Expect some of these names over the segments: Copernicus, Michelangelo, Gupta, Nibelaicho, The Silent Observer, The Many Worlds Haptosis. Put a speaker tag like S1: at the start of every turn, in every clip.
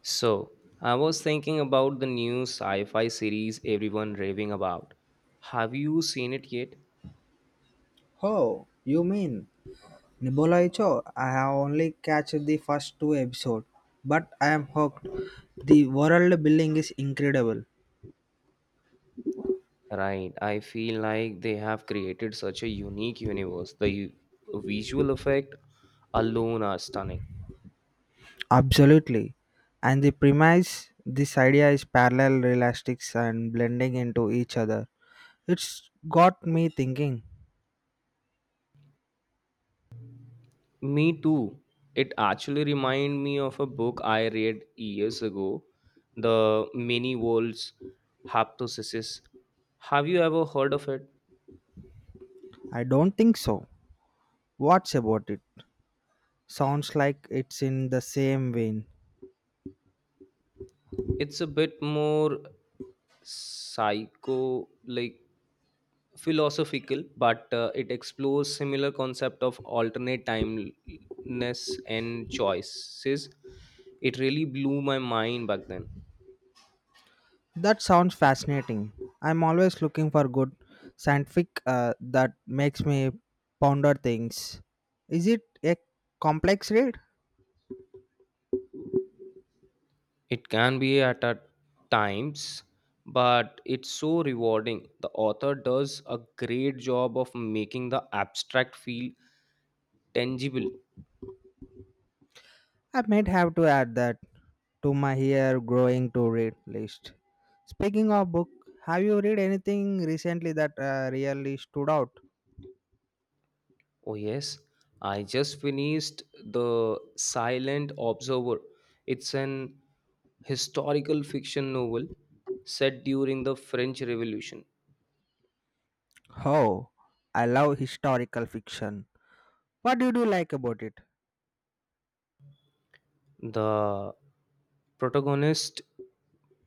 S1: So, I was thinking about the new sci fi series everyone raving about. Have you seen it yet?
S2: Oh, you mean Nibelaicho? I have only catched the first two episodes, but I am hooked. The world building is incredible.
S1: Right, I feel like they have created such a unique universe. The visual effect alone are stunning.
S2: Absolutely. And the premise, this idea is parallel realistics and blending into each other. It's got me thinking.
S1: Me too. It actually reminded me of a book I read years ago, The Many Worlds Haptosis. Have you ever heard of it?
S2: I don't think so. What's about it? Sounds like it's in the same vein.
S1: It's a bit more psycho like philosophical, but it explores similar concept of alternate timeless and choices. It really blew my mind back then.
S2: That sounds fascinating. I'm always looking for good scientific that makes me ponder things. Is it a complex read?
S1: It can be at a times, but it's so rewarding. The author does a great job of making the abstract feel tangible.
S2: I might have to add that to my here growing to read list. Speaking of book, have you read anything recently that really stood out?
S1: Oh, yes. I just finished The Silent Observer. It's an historical fiction novel set during the French Revolution.
S2: Oh, I love historical fiction. What did you like about it?
S1: The protagonist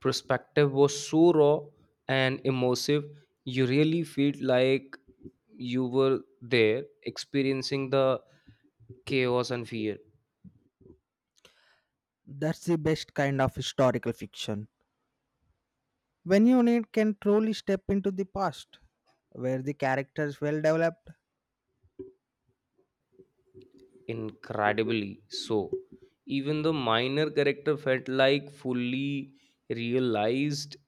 S1: perspective was so raw and immersive. You really felt like you were there experiencing the chaos and fear.
S2: That's the best kind of historical fiction. When you need can truly step into the past, where the character is well developed,
S1: Incredibly so. Even the minor character felt like fully realized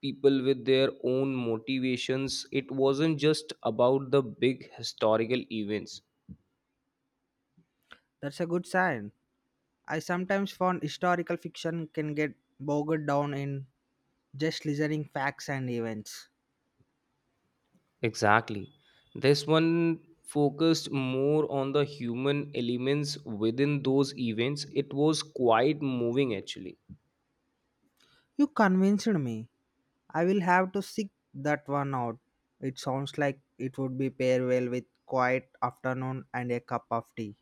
S1: people with their own motivations. It wasn't just about the big historical events.
S2: that's a good sign. I sometimes found historical fiction can get bogged down in just listening facts and events.
S1: Exactly. This one focused more on the human elements within those events. It was quite moving actually.
S2: You convinced me. I will have to seek that one out. It sounds like it would be pair well with quiet afternoon and a cup of tea.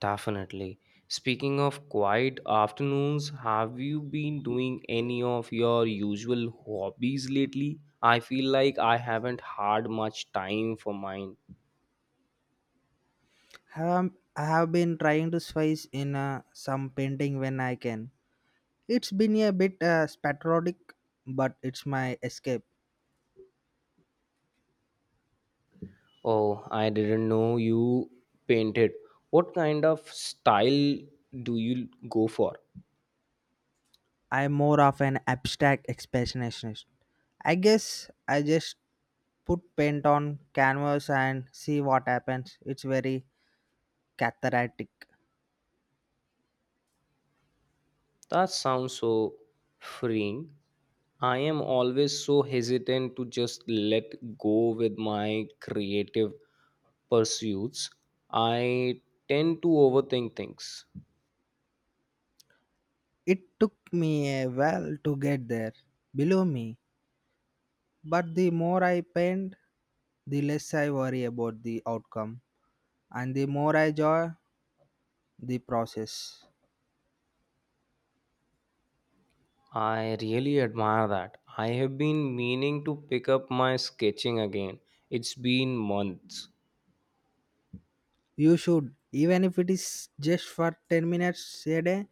S1: Definitely. Speaking of quiet afternoons, have you been doing any of your usual hobbies lately? I feel like I haven't had much time for mine.
S2: Have, I have been trying to slice in some painting when I can. It's been a bit spasmodic, but it's my escape.
S1: Oh, I didn't know you painted. What kind of style do you go for?
S2: I'm more of an abstract expressionist. I guess I just put paint on canvas and see what happens. It's very cathartic.
S1: That sounds so freeing. I am always so hesitant to just let go with my creative pursuits, I tend to overthink things.
S2: It took me a while to get there, believe me. But the more I paint, the less I worry about the outcome, and the more I enjoy the process.
S1: I really admire that. I have been meaning to pick up my sketching again. It's been months.
S2: You should, even if it is just for 10 minutes a day,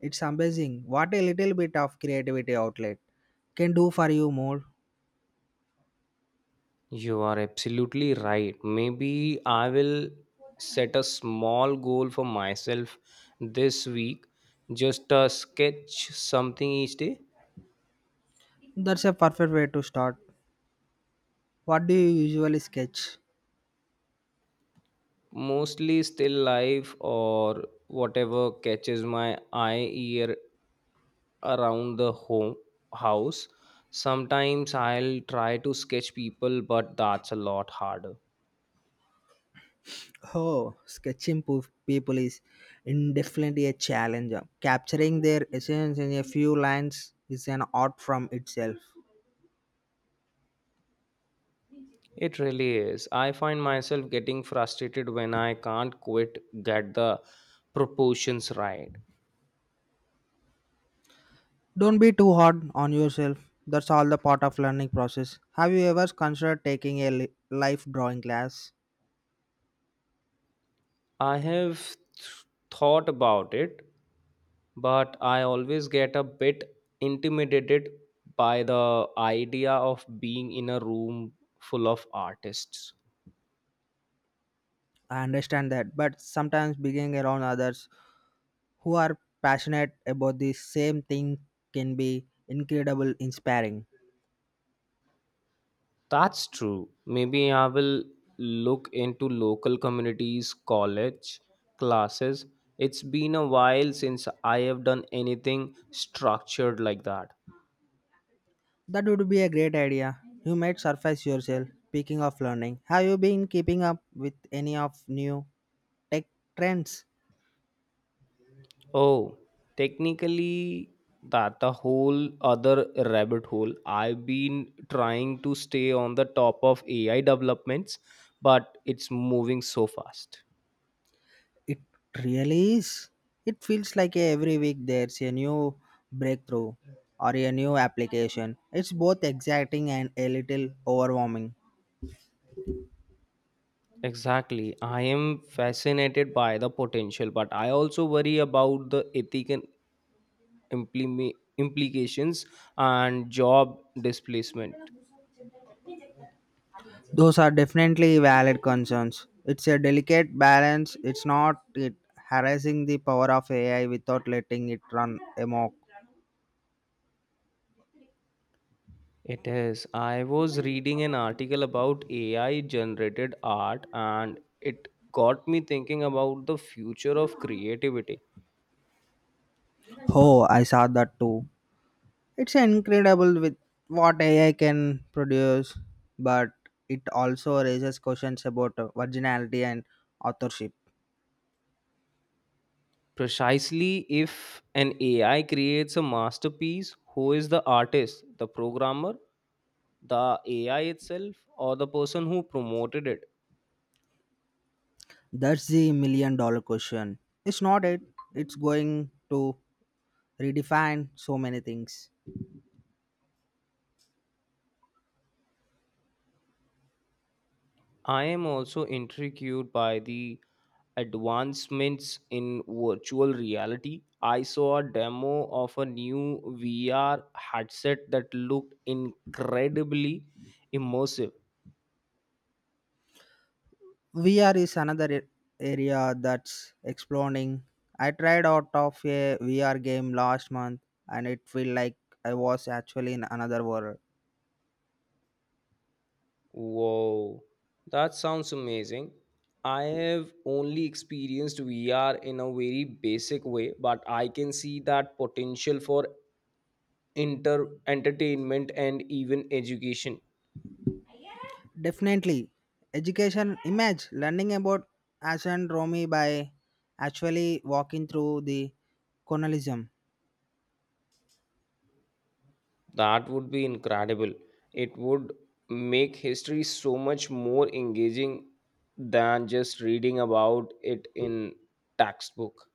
S2: it's amazing. What a little bit of creativity outlet can do for you more.
S1: You are absolutely right. Maybe I will set a small goal for myself this week. Just a sketch something each day.
S2: That's a perfect way to start. What do you usually sketch?
S1: Mostly still life or whatever catches my eye, ear, around the home house sometimes. I'll try to sketch people, but that's a lot harder.
S2: Oh, sketching people is indefinitely a challenge. Capturing their essence in a few lines is an art from itself.
S1: It really is. I find myself getting frustrated when I can't quite get the proportions right.
S2: Don't be too hard on yourself. That's all the part of learning process. Have you ever considered taking a life drawing class?
S1: i have th- thought about it, but I always get a bit intimidated by the idea of being in a room full of artists.
S2: I understand that, but sometimes being around others who are passionate about the same thing can be incredible inspiring.
S1: That's true. Maybe I will look into local communities, college, classes. It's been a while since I have done anything structured like that.
S2: That would be a great idea. You might surface yourself. Speaking of learning, have you been keeping up with any of new tech trends?
S1: Oh, technically, that a whole other rabbit hole. I've been trying to stay on the top of AI developments, but it's moving so fast.
S2: It really is. It feels like every week there's a new breakthrough or a new application. It's both exciting and a little overwhelming.
S1: Exactly. I am fascinated by the potential, but I also worry about the implications and job displacement.
S2: Those are definitely valid concerns. It's a delicate balance. It's not it harassing the power of AI without letting it run amok.
S1: It is. I was reading an article about AI generated art and it got me thinking about the future of creativity.
S2: Oh, I saw that too. It's incredible with what AI can produce, but it also raises questions about originality and authorship.
S1: Precisely, if an AI creates a masterpiece, who is the artist? The programmer, the AI itself, or the person who promoted it?
S2: That's the million dollar question. It's not it. It's going to redefine so many things.
S1: I am also intrigued by the advancements in virtual reality. I saw a demo of a new VR headset that looked incredibly immersive.
S2: VR is another area that's exploding. I tried out of a VR game last month and it felt like I was actually in another world.
S1: Wow, that sounds amazing. I have only experienced VR in a very basic way, but I can see that potential for inter entertainment and even education.
S2: Definitely. Education image learning about Asan Romy by actually walking through the colonialism.
S1: That would be incredible. It would make history so much more engaging than just reading about it in textbook.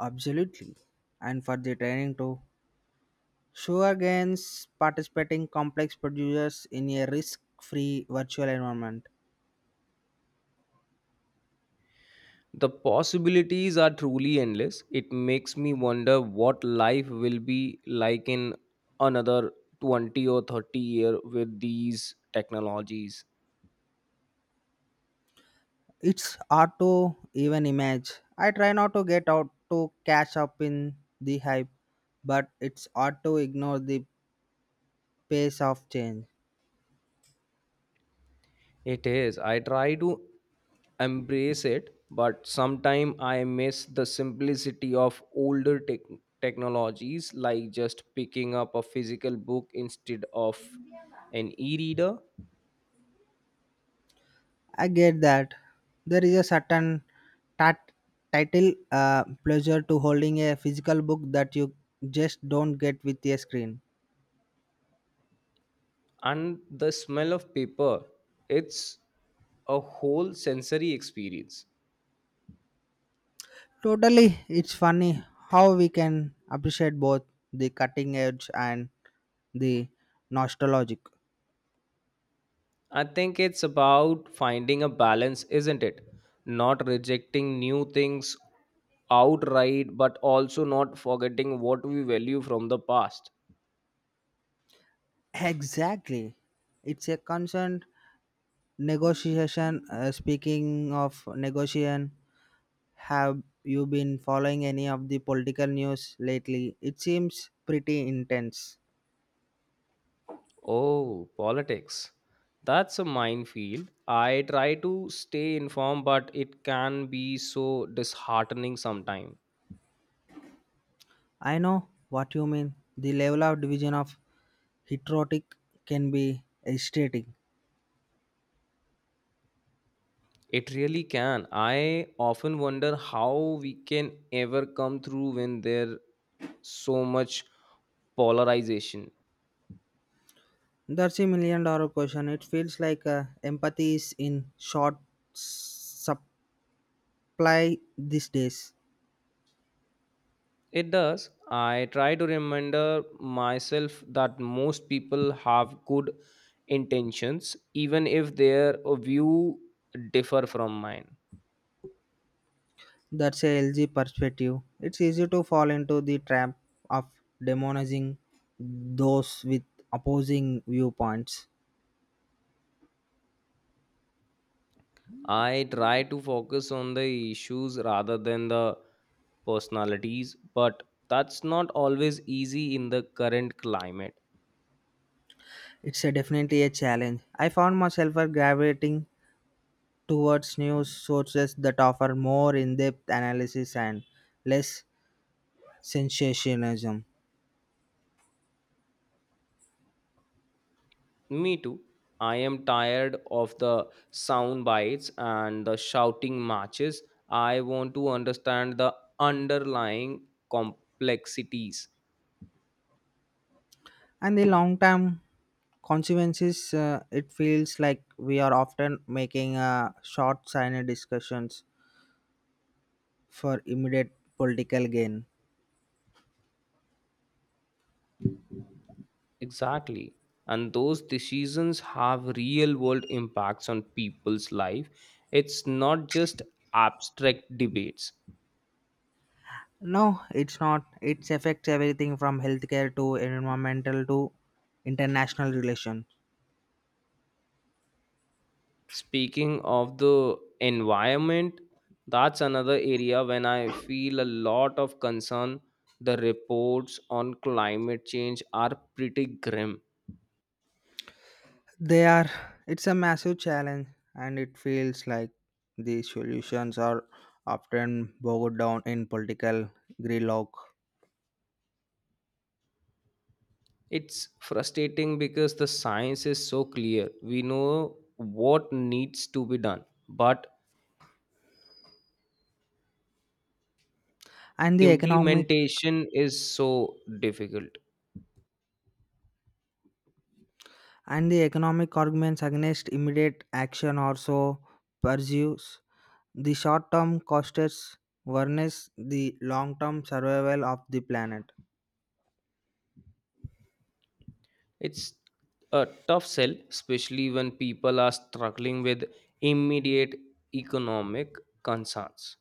S2: Absolutely. And for the training too. Sure gains participating complex producers in a risk free virtual environment.
S1: The possibilities are truly endless. It makes me wonder what life will be like in another 20 or 30-year with these technologies.
S2: It's hard to even image. I try not to get out to catch up in the hype, but it's hard to ignore the pace of change.
S1: It is. I try to embrace it, but sometimes I miss the simplicity of older technologies, like just picking up a physical book instead of an e reader.
S2: I get that there is a certain tat- title pleasure to holding a physical book that you just don't get with a screen.
S1: And the smell of paper, it's a whole sensory experience.
S2: Totally, it's funny how we can appreciate both the cutting edge and the nostalgic.
S1: I think it's about finding a balance, isn't it? Not rejecting new things outright, but also not forgetting what we value from the past.
S2: Exactly. It's a constant negotiation. Speaking of negotiation, have you been following any of the political news lately? It seems pretty intense.
S1: Oh, politics. That's a minefield. I try to stay informed, but it can be so disheartening sometimes.
S2: I know what you mean. The level of division of heterotic can be irritating.
S1: It really can. I often wonder how we can ever come through when there's so much polarization.
S2: That's a million dollar question. It feels like empathy is in short s- supply these days.
S1: It does. I try to remember myself that most people have good intentions, even if their view differ from mine.
S2: That's a LG perspective. It's easy to fall into the trap of demonizing those with opposing viewpoints.
S1: I try to focus on the issues rather than the personalities, but that's not always easy in the current climate.
S2: It's a definitely a challenge. I found myself gravitating towards news sources that offer more in-depth analysis and less sensationalism.
S1: Me too. I am tired of the sound bites and the shouting matches. I want to understand the underlying complexities.
S2: And the long-term consequences, it feels like we are often making short-sighted discussions for immediate political gain.
S1: Exactly. And those decisions have real world impacts on people's life. It's not just abstract debates.
S2: No, it's not. It affects everything from healthcare to environmental to international relations.
S1: Speaking of the environment, that's another area when I feel a lot of concern. The reports on climate change are pretty grim.
S2: They are it's a massive challenge and it feels like the solutions are often bogged down in political gridlock.
S1: It's frustrating because the science is so clear. We know what needs to be done, but
S2: And the economic
S1: implementation is so difficult.
S2: and the economic arguments against immediate action also pursues the short term costs versus the long term survival of the planet.
S1: It's a tough sell, especially when people are struggling with immediate economic concerns.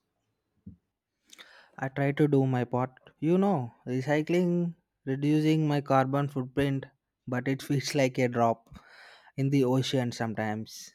S2: I try to do my part. You know, recycling, reducing my carbon footprint, but it feels like a drop in the ocean sometimes.